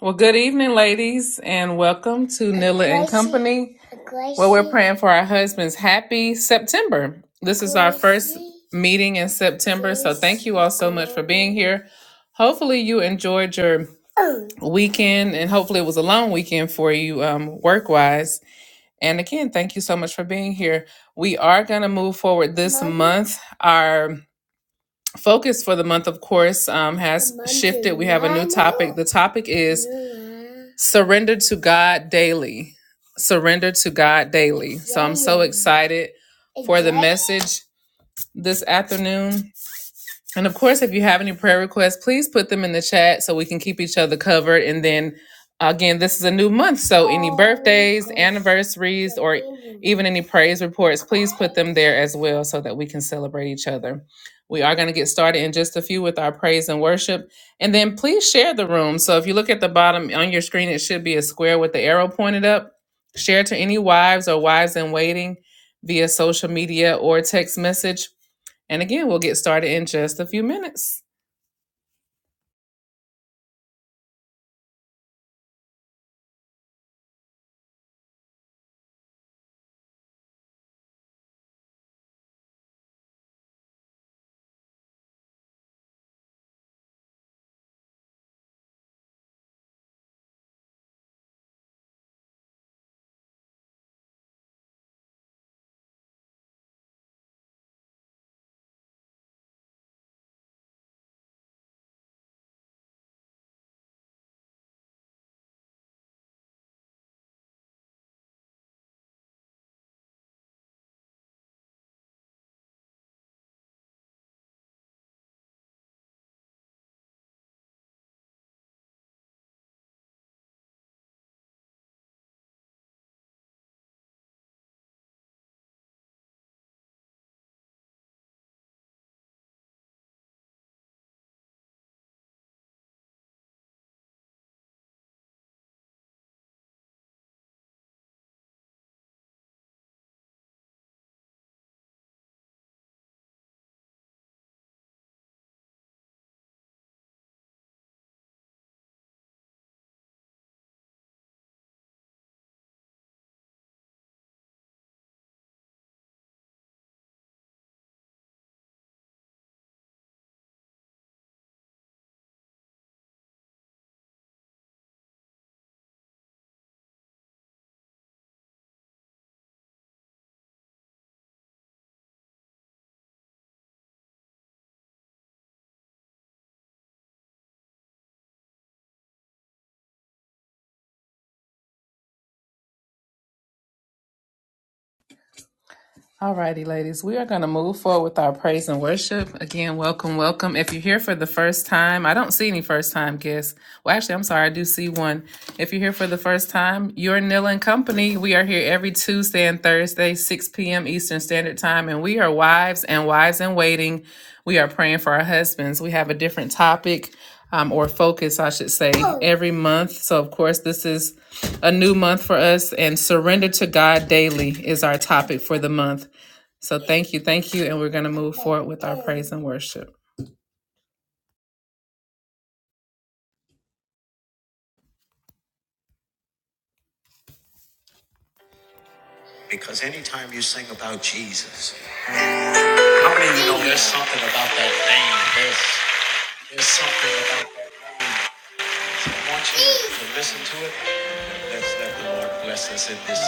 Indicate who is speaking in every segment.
Speaker 1: Well, good evening, ladies, and welcome to Praying for Our Husbands. Happy September. This a meeting in September. Hopefully, you enjoyed your weekend, and hopefully, it was a long weekend for you um, work wise. And again, thank you so much for being here. We are going to move forward this month. Our focus for the month, of course, um, has the topic is surrender to God daily. Surrender to God daily. Excited message this afternoon And of course, if you have any prayer requests, please put them in the chat so we can keep each other covered. And then again, this is a new month. So, first read, even any praise reports from there as well so that we can celebrate each other. We are going to get started in just a few with our praise and worship. And then please share the room. So, if you look at the bottom on your screen, it should be a square with the arrow pointed up. Share to any wives or wives in waiting via social media or text message. And again, we'll get started in just a few minutes. Alrighty, ladies, we are going to move forward with our praise and worship. Again, welcome, welcome. If you're here for the first time, I don't see any first time guests. Well, actually, I'm sorry, I do see one. If you're here for the first time, you're Nil and Company. We are here every Tuesday and Thursday, 6 p.m. Eastern Standard Time, and we are wives and wives in waiting. We are praying for our husbands. We have a different topic um, or focus, I should say, every month. So, of course, this is a new month for us, and surrender to God daily is our topic for the month. So thank you, thank you, and we're going to move forward with our praise and worship. Because anytime you sing about Jesus, how many of you know there's something about that name? There's, there's something about that name. So I want you to listen to it. Let's let the Lord bless us in this.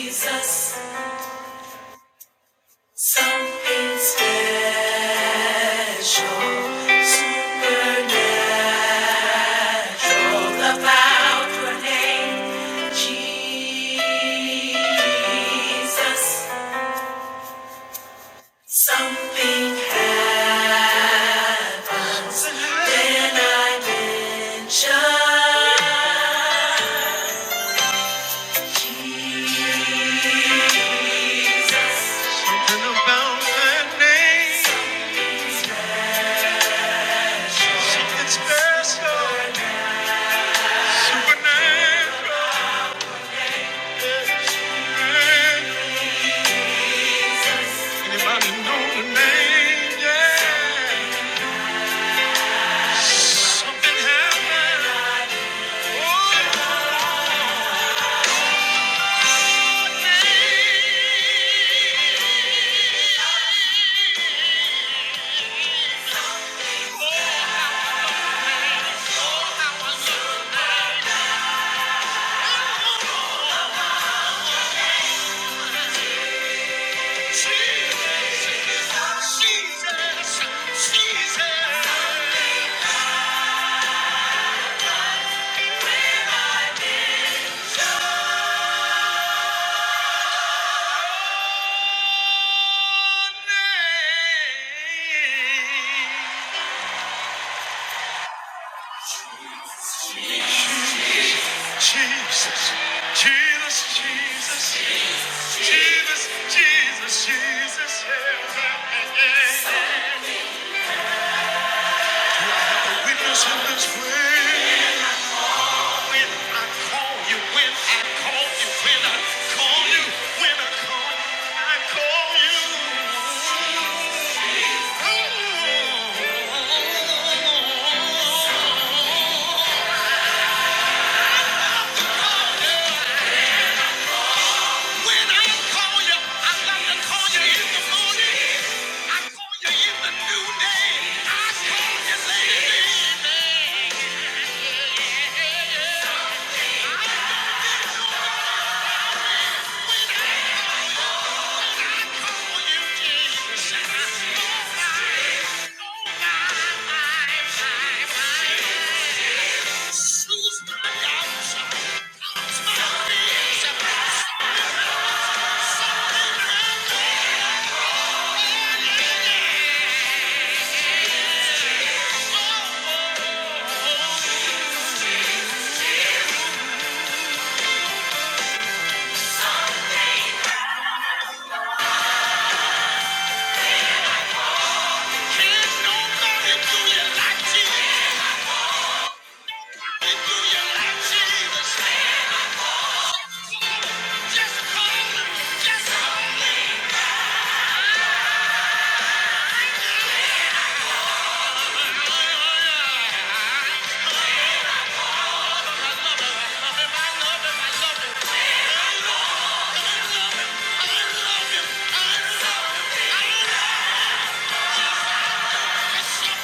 Speaker 1: Jesus. Something special, supernatural about your name, Jesus. Something special about that name. Something special, supernatural. Anybody know the name? Yeah. Something happened. Oh. Jesus, Jesus, Jesus, Jesus, Jesus, Jesus. yeah. We bless him this way. When I call you, when I call you, when I call you, when I call, I call you. Ooh. Just call him. Yes, I love him. I love him. I love him. I love him.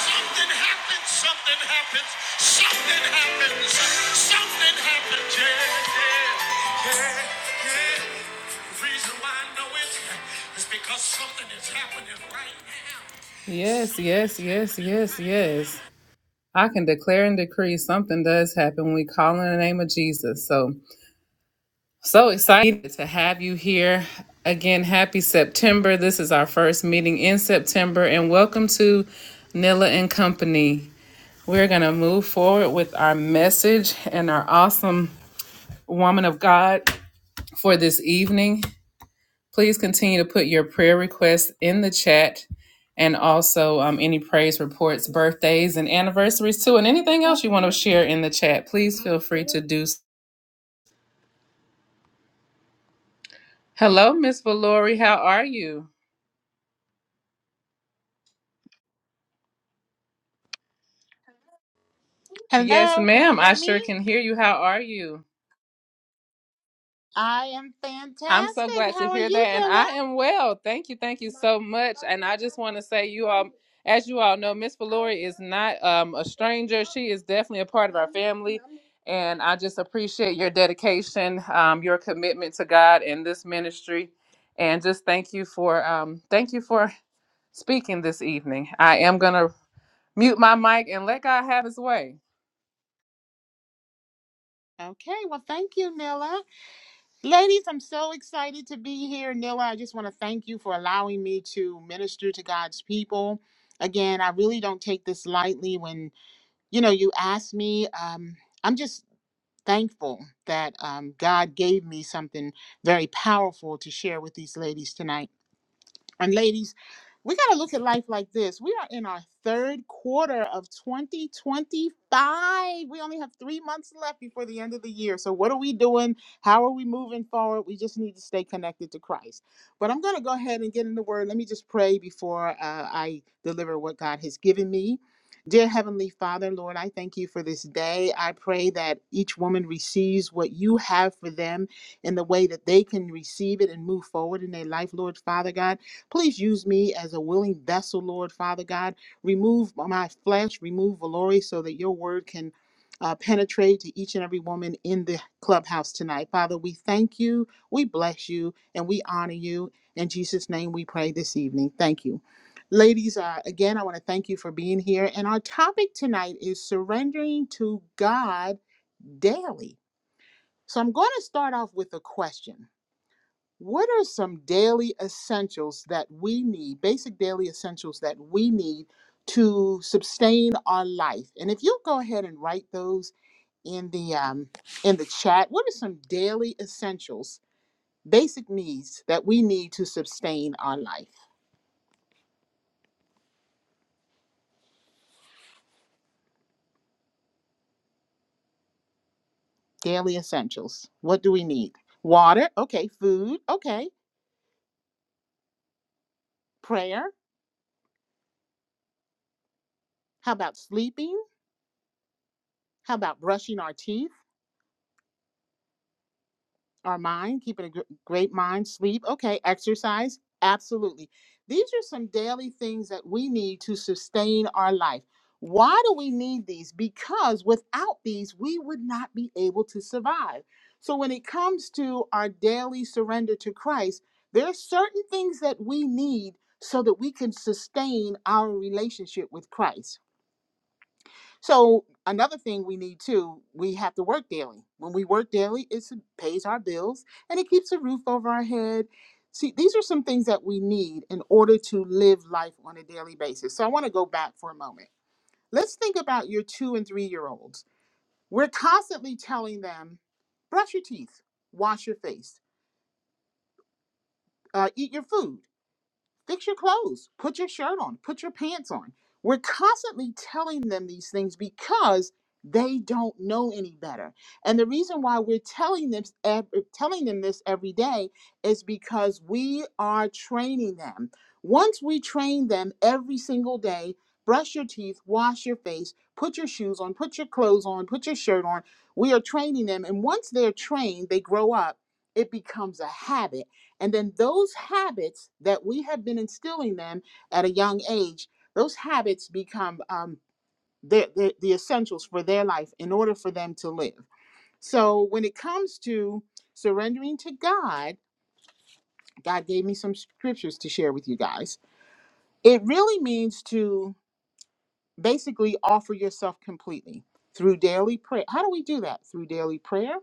Speaker 1: Something happens, something happens, something happens, something happens, yeah, yeah, yeah, yeah. The reason why I know it is because something is happening right now. Yes, yes, yes, yes, yes. I can declare and decree something does happen when we call in the name of Jesus. So, so excited to have you here. Again, happy September. This is our first meeting in September, and welcome to Nilla and Company. We're going to move forward with our message and our awesome woman of God for this evening. Please continue to put your prayer requests in the chat and also um, any praise reports, birthdays, and anniversaries too, and anything else you want to share in the chat. Please feel free to do so. Hello, Miss Valori. How are you? Yes,
Speaker 2: Hello, can you
Speaker 1: ma'am.
Speaker 2: hear
Speaker 1: I
Speaker 2: me?
Speaker 1: sure can hear you. How are you?
Speaker 2: I am
Speaker 1: I'm so
Speaker 2: fantastic.
Speaker 1: glad to
Speaker 2: How are
Speaker 1: hear that.
Speaker 2: you,
Speaker 1: And I
Speaker 2: Nilla?
Speaker 1: am well. Thank you. Thank you so much. And I just want to say, you all, as you all know, Miss Valori is not um, a stranger. She is definitely a part of our family. And I just appreciate your dedication, um, your commitment to God and this ministry. And just thank you for um, thank you for speaking this evening. I am gonna Mute my mic and let God have his way.
Speaker 2: Okay, well, thank you, Nilla. Ladies, I'm so excited to be here. Nilla, I just want to thank you for allowing me to minister to God's people. Again, I really don't take this lightly when, you know, you ask me. Um, I'm just thankful that um, God gave me something very powerful to share with these ladies tonight. And ladies, we got to look at life like this. We are in our third quarter of 2025. We only have three months left before the end of the year. So, what are we doing? How are we moving forward? We just need to stay connected to Christ. But I'm going to go ahead and get in the word. Let me just pray before uh, I deliver what God has given me. Dear Heavenly Father, Lord, I thank you for this day. I pray that each woman receives what you have for them in the way that they can receive it and move forward in their life, Lord Father God. Please use me as a willing vessel, Lord Father God. Remove my flesh, remove Valori, so that your word can uh, penetrate to each and every woman in the clubhouse tonight. Father, we thank you, we bless you, and we honor you. In Jesus' name we pray this evening. Thank you. Ladies, uh, again, I want to thank you for being here. And our topic tonight is surrendering to God daily. So I'm going to start off with a question what are some daily essentials that we need, basic daily essentials that we need to sustain our life? And if you'll go ahead and write those in the um, in the chat, what are some daily essentials, basic needs that we need to sustain our life? Daily essentials. What do we need? Water. Okay. Food. Okay. Prayer. How about sleeping? How about brushing our teeth? our mind, keeping a gr- great mind, sleep, okay, exercise, absolutely. These are some daily things that we need to sustain our life. Why do we need these? Because without these, we would not be able to survive. So when it comes to our daily surrender to Christ, there are certain things that we need so that we can sustain our relationship with Christ so another thing we need too, we have to work daily. When we work daily, it pays our bills and it keeps a roof over our head. See, these are some things that we need in order to live life on a daily basis. So I want to go back for a moment. Let's think about your two and three year olds. We're constantly telling them, brush your teeth, wash your face, uh, eat your food. Fix your clothes, put your shirt on, put your pants on. We're constantly telling them these things because they don't know any better. And the reason why we're telling them ev- er, telling them this every day is because we are training them. Once we train them every single day, brush your teeth, wash your face, put your shoes on, put your clothes on, put your shirt on, we are training them and once they're trained, they grow up, it becomes a habit and then those habits that we have been instilling them at a young age, those habits become um, the, the, the essentials for their life in order for them to live. So when it comes to surrendering to God, God gave me some scriptures to share with you guys. It really means to basically offer yourself completely through daily prayer. How do we do that? Through daily prayer,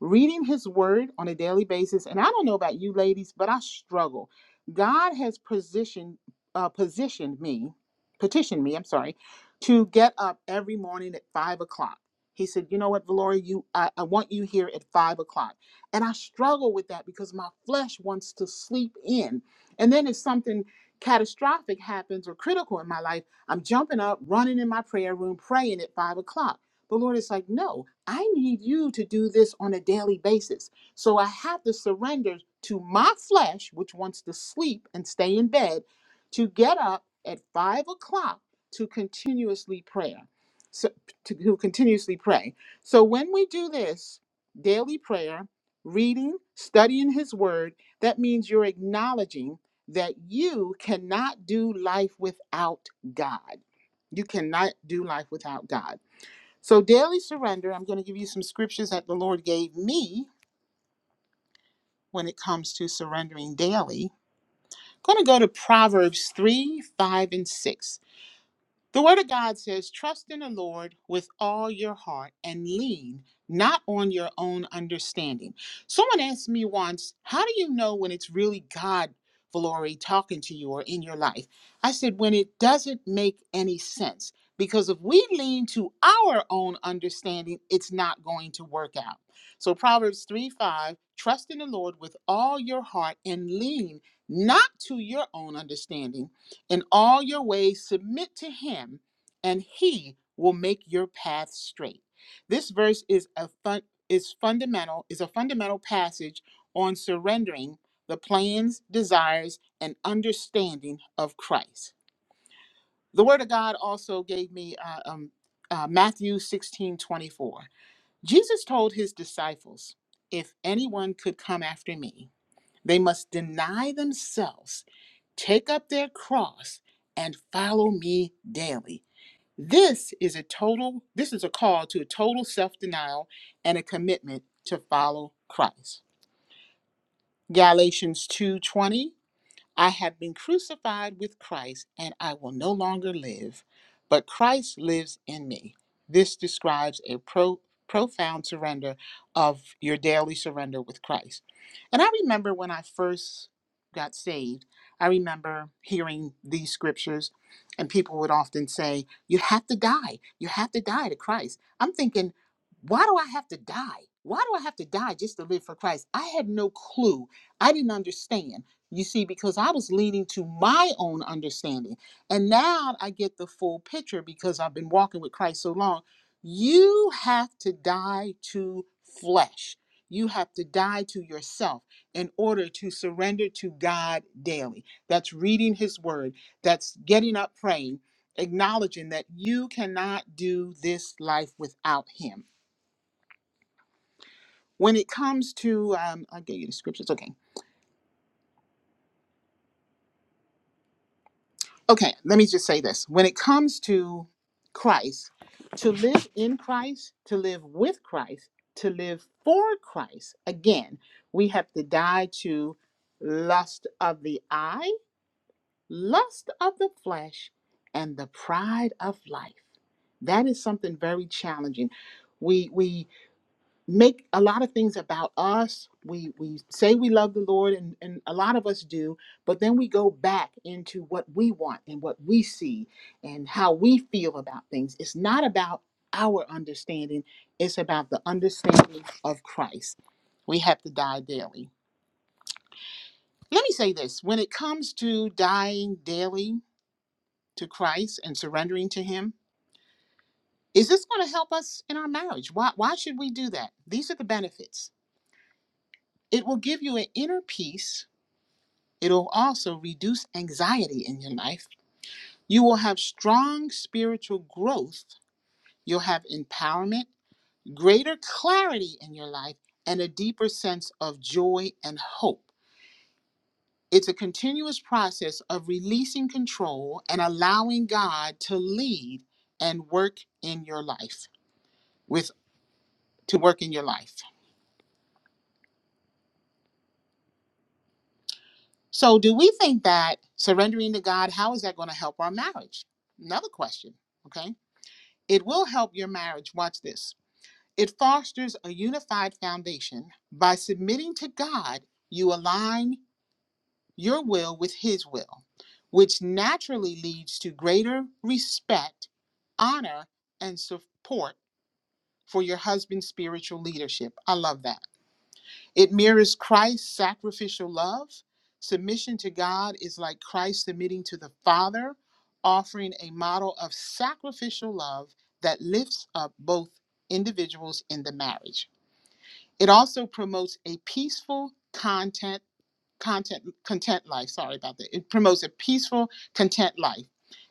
Speaker 2: reading his word on a daily basis and i don't know about you ladies but i struggle god has positioned uh, positioned me petitioned me i'm sorry to get up every morning at five o'clock he said you know what valoria you I, I want you here at five o'clock and i struggle with that because my flesh wants to sleep in and then if something catastrophic happens or critical in my life i'm jumping up running in my prayer room praying at five o'clock the lord is like no I need you to do this on a daily basis. So I have to surrender to my flesh, which wants to sleep and stay in bed, to get up at five o'clock to continuously prayer. So to, to continuously pray. So when we do this daily prayer, reading, studying his word, that means you're acknowledging that you cannot do life without God. You cannot do life without God. So, daily surrender, I'm going to give you some scriptures that the Lord gave me when it comes to surrendering daily. I'm going to go to Proverbs 3 5 and 6. The Word of God says, Trust in the Lord with all your heart and lean not on your own understanding. Someone asked me once, How do you know when it's really God, Valori, talking to you or in your life? I said, When it doesn't make any sense. Because if we lean to our own understanding, it's not going to work out. So Proverbs 3 5, trust in the Lord with all your heart and lean not to your own understanding in all your ways, submit to him, and he will make your path straight. This verse is a fun, is fundamental is a fundamental passage on surrendering the plans, desires, and understanding of Christ. The Word of God also gave me uh, um, uh, Matthew sixteen twenty four. Jesus told his disciples, "If anyone could come after me." They must deny themselves, take up their cross, and follow me daily. This is a total, this is a call to a total self-denial and a commitment to follow Christ. Galatians 2:20 I have been crucified with Christ, and I will no longer live, but Christ lives in me. This describes a pro- profound surrender of your daily surrender with Christ. And I remember when I first got saved, I remember hearing these scriptures, and people would often say, You have to die. You have to die to Christ. I'm thinking, Why do I have to die? Why do I have to die just to live for Christ? I had no clue. I didn't understand. You see, because I was leaning to my own understanding. And now I get the full picture because I've been walking with Christ so long. You have to die to flesh. You have to die to yourself in order to surrender to God daily. That's reading His Word, that's getting up praying, acknowledging that you cannot do this life without Him. When it comes to, um, I gave you the scriptures, okay okay, let me just say this. When it comes to Christ, to live in Christ, to live with Christ, to live for Christ, again, we have to die to lust of the eye, lust of the flesh, and the pride of life. That is something very challenging. We we make a lot of things about us. We we say we love the Lord, and, and a lot of us do, but then we go back into what we want and what we see and how we feel about things. It's not about our understanding, it's about the understanding of Christ. We have to die daily. Let me say this when it comes to dying daily to Christ and surrendering to Him, is this going to help us in our marriage? Why, why should we do that? These are the benefits. It will give you an inner peace It'll also reduce anxiety in your life. You will have strong spiritual growth. You'll have empowerment, greater clarity in your life, and a deeper sense of joy and hope. It's a continuous process of releasing control and allowing God to lead and work in your life with to work in your life. So do we think that surrendering to God, how is that going to help our marriage? Another question, okay? It will help your marriage. Watch this. It fosters a unified foundation. By submitting to God, you align your will with His will, which naturally leads to greater respect, honor, and support for your husband's spiritual leadership. I love that. It mirrors Christ's sacrificial love. Submission to God is like Christ submitting to the Father, offering a model of sacrificial love that lifts up both individuals in the marriage. It also promotes a peaceful content content content life. Sorry about that. It promotes a peaceful content life,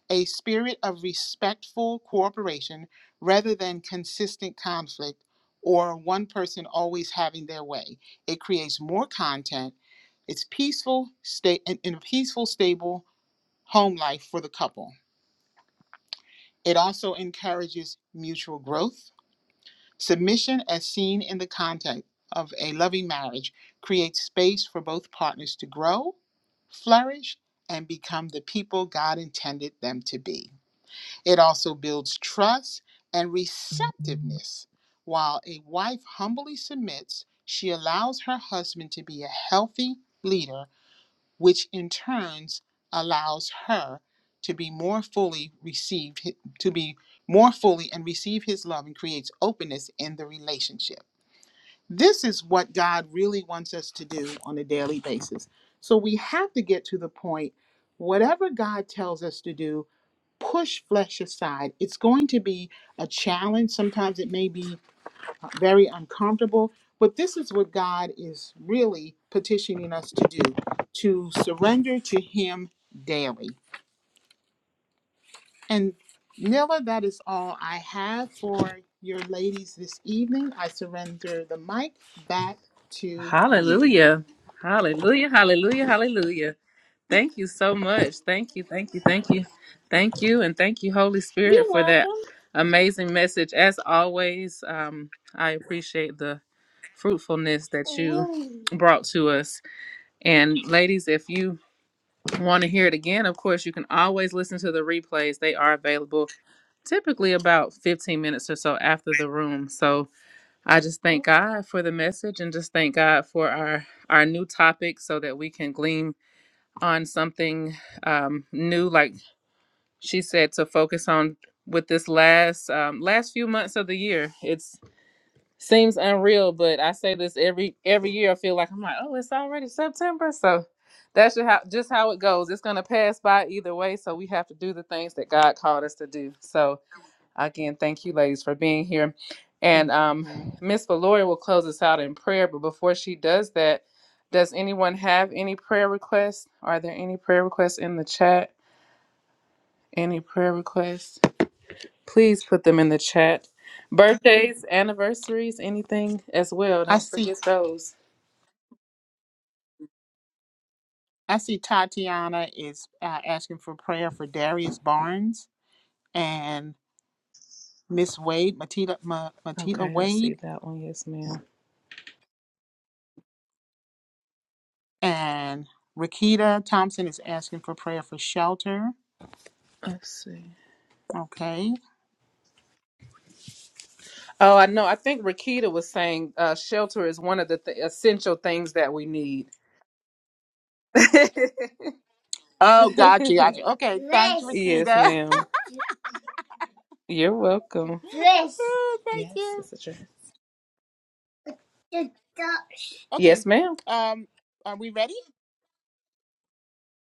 Speaker 2: a spirit of respectful cooperation rather than consistent conflict or one person always having their way. It creates more content. It's peaceful, stay in, in a peaceful, stable home life for the couple. It also encourages mutual growth Submission, as seen in the context of a loving marriage, creates space for both partners to grow, flourish, and become the people God intended them to be. It also builds trust and receptiveness. While a wife humbly submits, she allows her husband to be a healthy leader which in turns allows her to be more fully received to be more fully and receive his love and creates openness in the relationship this is what god really wants us to do on a daily basis so we have to get to the point whatever god tells us to do push flesh aside it's going to be a challenge sometimes it may be very uncomfortable. But this is what God is really petitioning us to do to surrender to Him daily. And Nilla, that is all I have for your ladies this evening. I surrender the mic back to you.
Speaker 1: Hallelujah. Hallelujah. Hallelujah. Hallelujah. Thank you so much. Thank you. Thank you. Thank you. Thank you. And thank you, Holy Spirit, for that amazing message. As always, um, I appreciate the fruitfulness that you brought to us. And ladies, if you want to hear it again, of course, you can always listen to the replays. They are available typically about 15 minutes or so after the room. So I just thank God for the message and just thank God for our our new topic so that we can glean on something um, new, like she said, to focus on with this last um, last few months of the year. It's Seems unreal, but I say this every every year. I feel like I'm like, oh, it's already September, so that's just how just how it goes. It's gonna pass by either way, so we have to do the things that God called us to do. So again, thank you, ladies, for being here. And um,
Speaker 2: hmm
Speaker 1: Miss Valoria will close us out in prayer. But before she does that, does anyone have any prayer requests? Are there any prayer requests in the chat? Any prayer requests? Please put them in the chat. Birthdays, anniversaries, anything as well.
Speaker 2: I
Speaker 1: Don't
Speaker 2: see.
Speaker 1: forget those.
Speaker 2: I see Tatiana is uh, asking for prayer for Darius Barnes and Miss Wade, Matita, Ma, Matita
Speaker 1: Okay, I
Speaker 2: Wade.
Speaker 1: see that one. Yes, ma'am.
Speaker 2: And Rakita Thompson is asking for prayer for shelter.
Speaker 1: Let's see.
Speaker 2: Okay.
Speaker 1: Oh, I know. I think Rakita was saying uh, shelter is one of the th- essential things that we need.
Speaker 2: Oh, gotcha, gotcha. Okay, thanks,
Speaker 1: yes,
Speaker 2: Rakita.
Speaker 1: ma'am. You're welcome.
Speaker 2: Ooh, Thank
Speaker 1: Yes,
Speaker 2: you.
Speaker 1: it's a trip.
Speaker 2: Okay.
Speaker 1: Yes, ma'am.
Speaker 2: Um, are we ready?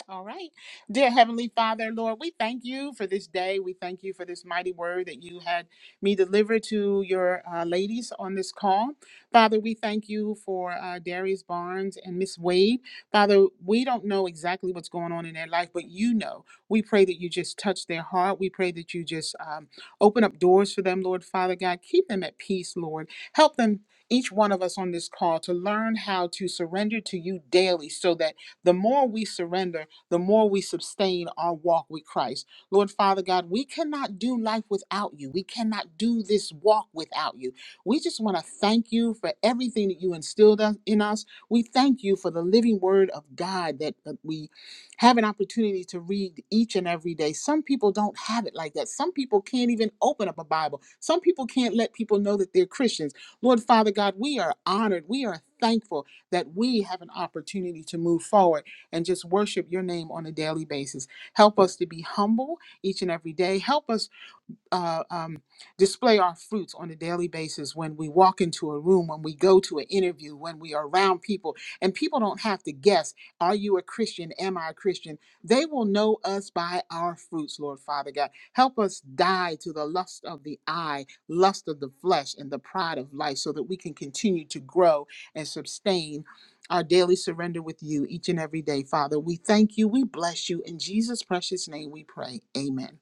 Speaker 2: All right. Dear Heavenly Father, Lord, we thank you for this day. We thank you for this mighty word that you had me deliver to your uh, ladies on this call. Father, we thank you for uh, Darius Barnes and Miss Wade. Father, we don't know exactly what's going on in their life, but you know. We pray that you just touch their heart. We pray that you just um, open up doors for them, Lord Father God. Keep them at peace, Lord. Help them, each one of us on this call, to learn how to surrender to you daily so that the more we surrender, the more we sustain our walk with Christ. Lord Father God, we cannot do life without you. We cannot do this walk without you. We just want to thank you for everything that you instilled us- in us. We thank you for the living word of God that that we have an opportunity to read each and every day. Some people don't have it like that. Some people can't even open up a Bible. Some people can't let people know that they're Christians. Lord Father God, we are honored. We are thankful that we have an opportunity to move forward and just worship your name on a daily basis. Help us to be humble each and every day. Help us uh, um, display our fruits on a daily basis when we walk into a room, when we go to an interview, when we are around people. And people don't have to guess, are you a Christian? Am I a Christian? They will know us by our fruits, Lord Father God. Help us die to the lust of the eye, lust of the flesh, and the pride of life so that we can continue to grow and sustain. Our daily surrender with you each and every day, Father. We thank you. We bless you. In Jesus' precious name we pray. Amen.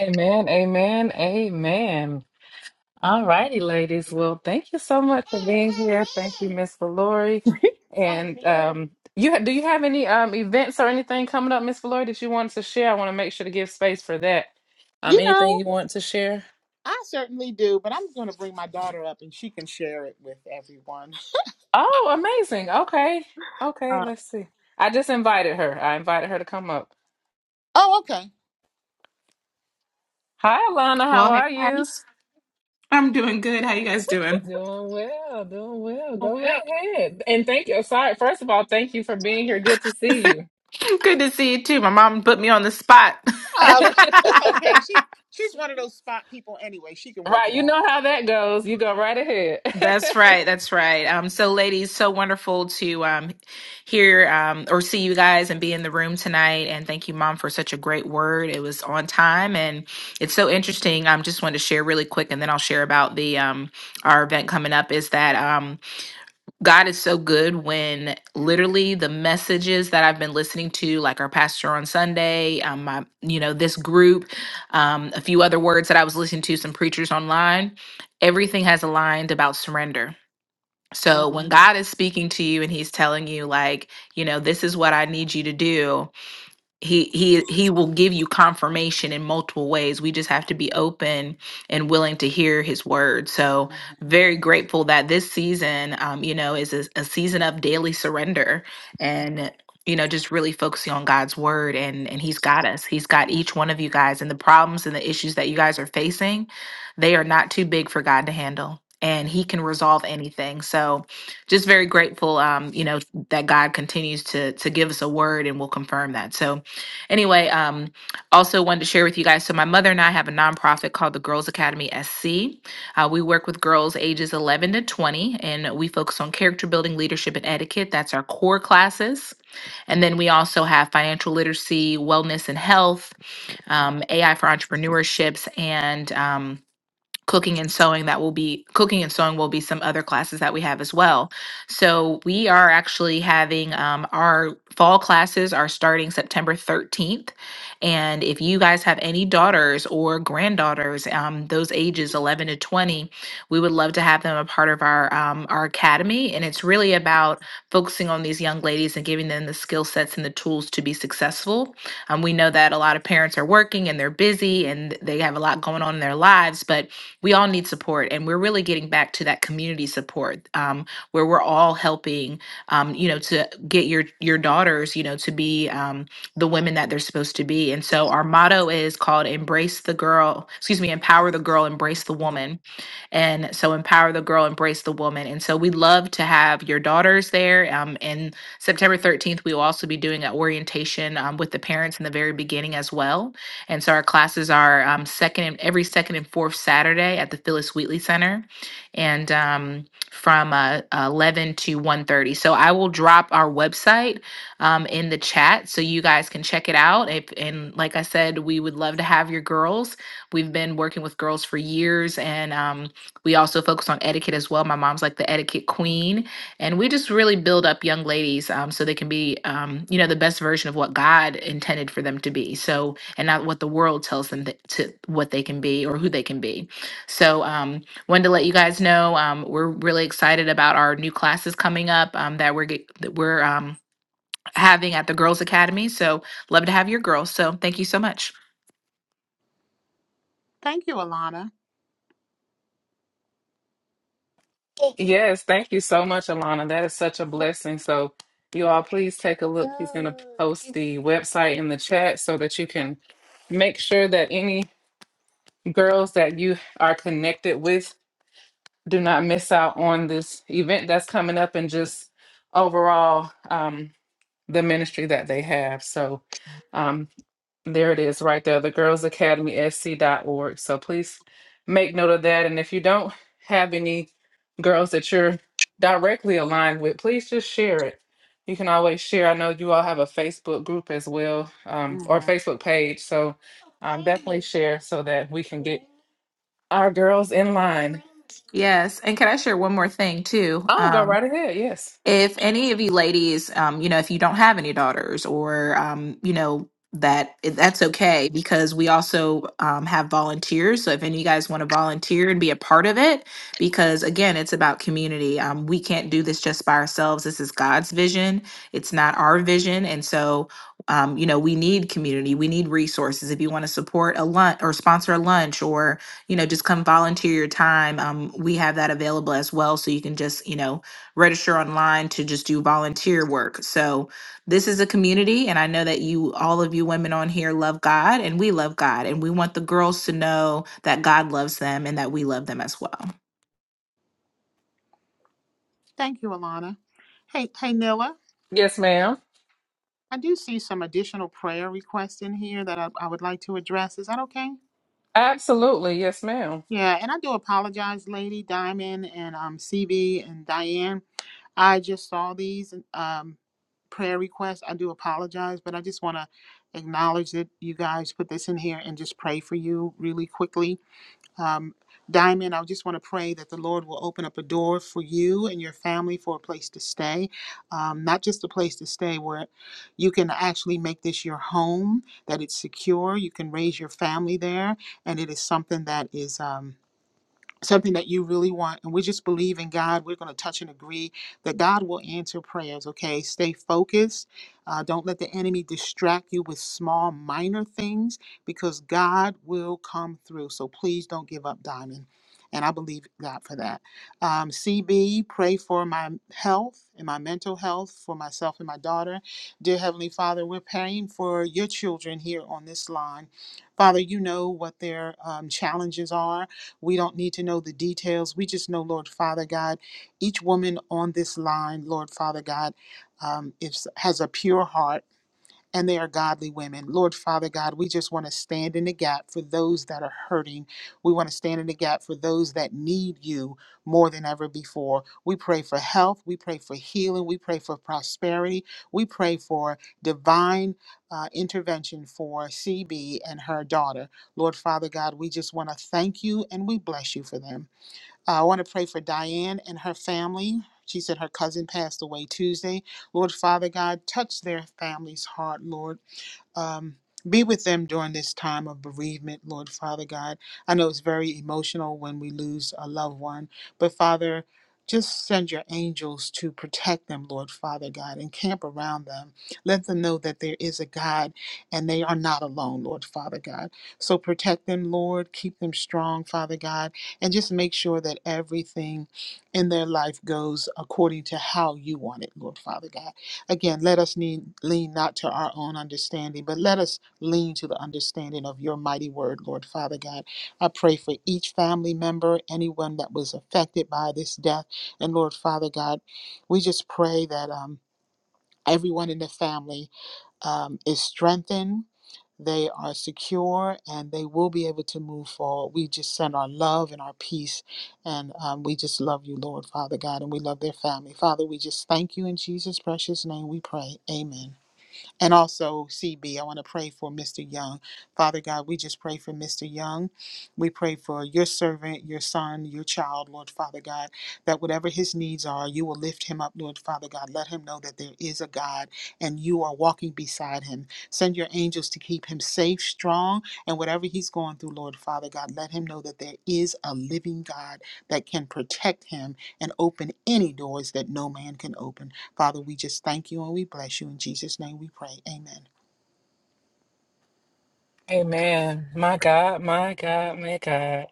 Speaker 1: Amen, amen, amen. All righty, ladies. Well, thank you so much. Thank you, Miss Valori. Um, you ha- do you have any um events or anything coming up, Miss Floyd, that you wanted to share? I want to make sure to give space for that. Um,
Speaker 2: You know.
Speaker 1: anything you want to share?
Speaker 2: I certainly do, but I'm going to bring my daughter up and she can share it with everyone.
Speaker 1: Oh, amazing. Okay, okay.
Speaker 2: Uh,
Speaker 1: Let's see. I just invited her. I invited her to come up.
Speaker 2: oh, okay.
Speaker 1: Hi, Alana. How
Speaker 3: Well, hey
Speaker 1: are you?
Speaker 3: guys, I'm doing good. How you guys doing?
Speaker 1: Doing well. Doing well.
Speaker 3: Oh,
Speaker 1: Go right
Speaker 3: yeah.
Speaker 1: ahead. And thank you. Sorry. First of all, thank you for being here. Good to see you.
Speaker 3: Good to see you too. My mom put me on the spot.
Speaker 2: Oh, it's
Speaker 1: right.
Speaker 2: okay. She she's one of those spot people anyway. She can work it
Speaker 1: You
Speaker 2: out.
Speaker 1: know how that goes. You go right ahead.
Speaker 3: That's right. That's right. Um, so, ladies, so wonderful to um, hear um, or see you guys and be in the room tonight. And thank you, Mom, for such a great word. It was on time, and it's so interesting. I um, just wanted to share really quick, and then I'll share about the um, our event coming up. Is that um, God is so good when literally the messages that I've been listening to, like our pastor on Sunday, um, my, you know, this group, um, a few other words that I was listening to, some preachers online, everything has aligned about surrender. So
Speaker 2: Mhm.
Speaker 3: when Mhm. God is speaking to you and he's telling you, like, you know, this is what I need you to do, he he he will give you confirmation in multiple ways we just have to be open and willing to hear his word so
Speaker 2: mhm.
Speaker 3: very grateful that this season um you know is a, a season of daily surrender and you know just really focusing on god's word and and he's got us he's got each one of you guys and the problems and the issues that you guys are facing they are not too big for god to handle and he can resolve anything so just very grateful um you know that god continues to to give us a word and will confirm that so Anyway, um, also wanted to share with you guys. So my mother and I have a nonprofit called the Girls Academy SC. Uh, we work with girls ages 11 to 20, and we focus on character building, leadership, and etiquette. That's our core classes. And then we also have financial literacy, wellness and health, um, AI for entrepreneurships, and um, cooking and sewing that will be cooking and sewing will be some other classes that we have as well so we are actually having um, our fall classes are starting september 13th and if you guys have any daughters or granddaughters um, those ages 11 to 20 we would love to have them a part of our um, our academy and it's really about focusing on these young ladies and giving them the skill sets and the tools to be successful um, we know that a lot of parents are working and they're busy and they have a lot going on in their lives but we all need support and we're really getting back to that community support um, where we're all helping um, you know to get your your daughters you know to be um, the women that they're supposed to be and so our motto is called embrace the girl excuse me empower the girl embrace the woman and so, empower the girl, embrace the woman. And so, we love to have your daughters there. Um, and September 13th, we will also be doing an orientation um, with the parents in the very beginning as well. And so, our classes are um, second and every second and fourth Saturday at the Phyllis Wheatley Center. And um, from uh, 11 to one thirty. so i will drop our website um, in the chat so you guys can check it out. If, and like I said, we would love to have your girls. We've been working with girls for years, and um, we also focus on etiquette as well. My mom's like the etiquette queen, and we just really build up young ladies um, so they can be, um, you know, the best version of what God intended for them to be. So, and not what the world tells them that, to what they can be or who they can be. So, um, wanted to let you guys know um, we're really excited about our new classes coming up um, that we're get, that we're um, having at the Girls Academy. So, love to have your girls. So, thank you so much.
Speaker 2: Thank you, Alana.
Speaker 1: Yes, thank you so much, Alana. That is such a blessing. So, you all, please take a look, post the website in the chat so that you can make sure that any girls that you are connected with do not miss out on this event that's coming up and just overall um, the ministry that they have. So, um, There it is right there, the Girls Academy SC dot org. So please make note of that. And if you don't have any girls that you're directly aligned with, please just share it. You can always share. I know you all have a Facebook group as well, um, or
Speaker 2: Mhm.
Speaker 1: Facebook page. So please share so that we can get our girls in line.
Speaker 3: Yes, and can I share one more thing too?
Speaker 1: I'll go
Speaker 3: Um,
Speaker 1: right ahead. Yes.
Speaker 3: if any of you ladies um you know if you don't have any daughters or um you know that that's okay because we also um, have volunteers so if any of you guys want to volunteer and be a part of it because again it's about community um, we can't do this just by ourselves this is god's vision it's not our vision and so um, you know we need community we need resources if you want to support a lunch or sponsor a lunch or you know just come volunteer your time um, we have that available as well so you can just you know register online to just do volunteer work. So this is a community, and I know that you, all of you women on here, love God, and we love God, and we want the girls to know that God loves them and that we love them as well.
Speaker 2: Thank you, Alana. Hey, hey, Nilla.
Speaker 1: Yes, ma'am.
Speaker 2: I do see some additional prayer requests in here that I, I would like to address. Is that okay?
Speaker 1: Absolutely. Yes, ma'am.
Speaker 2: Yeah, and I do apologize, Lady Diamond and um, CB and Diane. I just saw these um, prayer requests. I do apologize, but I just want to acknowledge that you guys put this in here and just pray for you really quickly. Um, Diamond, I just want to pray that the Lord will open up a door for you and your family for a place to stay. Um, not just a place to stay where you can actually make this your home, that it's secure, you can raise your family there, and it is something that is. Um, something that you really want and we just believe in god we're going to touch and agree that god will answer prayers okay stay focused uh, don't let the enemy distract you with small minor things because god will come through so please don't give up diamond and i believe god for that um, cb pray for my health and my mental health for myself and my daughter dear heavenly father we're praying for your children here on this line father you know what their um, challenges are we don't need to know the details. We just know, Lord Father God, each woman on this line, Lord Father God, um, is, has a pure heart and they are godly women. Lord Father God, we just want to stand in the gap for those that are hurting. We want to stand in the gap for those that need you more than ever before. We pray for health. We pray for healing. We pray for prosperity. We pray for divine uh, intervention for CB and her daughter. Lord Father God, we just want to thank you and we bless you for them. Uh, I want to pray for Diane and her family. She said her cousin passed away Tuesday. Lord Father God, touch their family's heart, Lord. Um, be with them during this time of bereavement, Lord Father God. I know it's very emotional when we lose a loved one, but Father, just send your angels to protect them, Lord Father God, and camp around them. Let them know that there is a God and they are not alone, Lord Father God. So protect them, Lord. Keep them strong, Father God, and just make sure that everything in their life goes according to how you want it, Lord Father God. Again, let us need, lean not to our own understanding, but let us lean to the understanding of your mighty word, Lord Father God. I pray for each family member, anyone that was affected by this death. And Lord Father God, we just pray that um, everyone in the family um, is strengthened. They are secure and they will be able to move forward. We just send our love and our peace. And um, we just love you, Lord, Father God, and we love their family. Father, we just thank you in Jesus' precious name we pray. Amen. And also, CB, I want to pray for Mr. Young. Father God, we just pray for Mr. Young. We pray for your servant, your son, your child, Lord Father God, that whatever his needs are, you will lift him up, Lord Father God. Let him know that there is a God and you are walking beside him. Send your angels to keep him safe, strong, and whatever he's going through, Lord Father God, let him know that there is a living God that can protect him and open any doors that no man can open. Father, we just thank you and we bless you. In Jesus' name we pray. Amen.
Speaker 1: Amen. My God, my God, my God.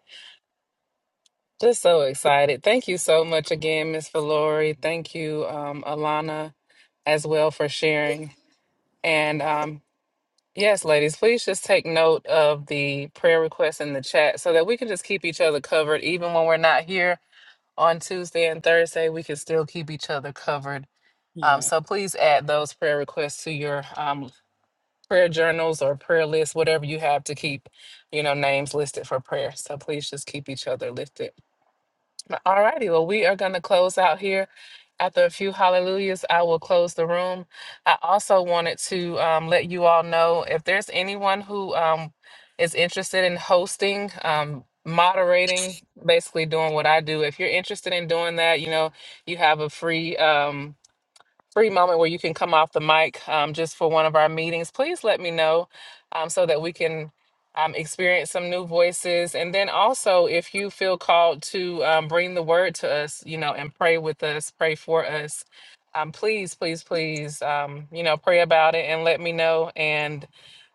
Speaker 1: Just so excited. Thank you so much again, Miss Valori. Thank you, um, Alana, as well for sharing. And um, yes, ladies, please just take note of the prayer requests in the chat so that we can just keep each other covered. Even when we're not here on Tuesday and Thursday, we can still keep each other covered. Um,
Speaker 2: Yeah.
Speaker 1: so please add those prayer requests to your um, prayer journals or prayer list, whatever you have to keep, you know, names listed for prayer. So please just keep each other lifted. All righty. Well, we are going to close out here. After a few hallelujahs, I will close the room. I also wanted to um, let you all know if there's anyone who um, is interested in hosting, um, moderating, basically doing what I do. If you're interested in doing that, you know, you have a free. Um, free moment where you can come off the mic um, just for one of our meetings, please let me know um, so that we can um, experience some new voices. And then also, if you feel called to um, bring the word to us, you know, and pray with us, pray for us, um, please, please, please, um, you know, pray about it and let me know. And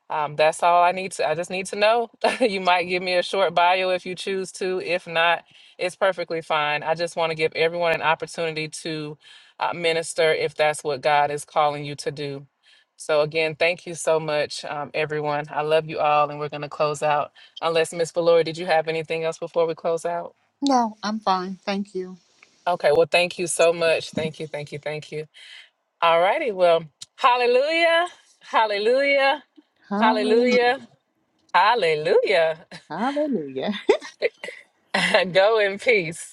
Speaker 1: um, that's all I need to. I just need to know. you might give me a short bio if you choose to. If not, it's perfectly fine. I just want to give everyone an opportunity to uh, minister if that's what God is calling you to do. So again, thank you so much, um, everyone. I love you all, and we're going to close out. Unless Miss Valori, did you have anything else before we close out?
Speaker 2: No, I'm fine. Thank you.
Speaker 1: Okay. Well, thank you so much. Thank you. Thank you. Thank you. All righty. Well, hallelujah. Hallelujah.
Speaker 2: Hallelujah.
Speaker 1: Hallelujah. Hallelujah.
Speaker 2: Hallelujah.
Speaker 1: Go in peace.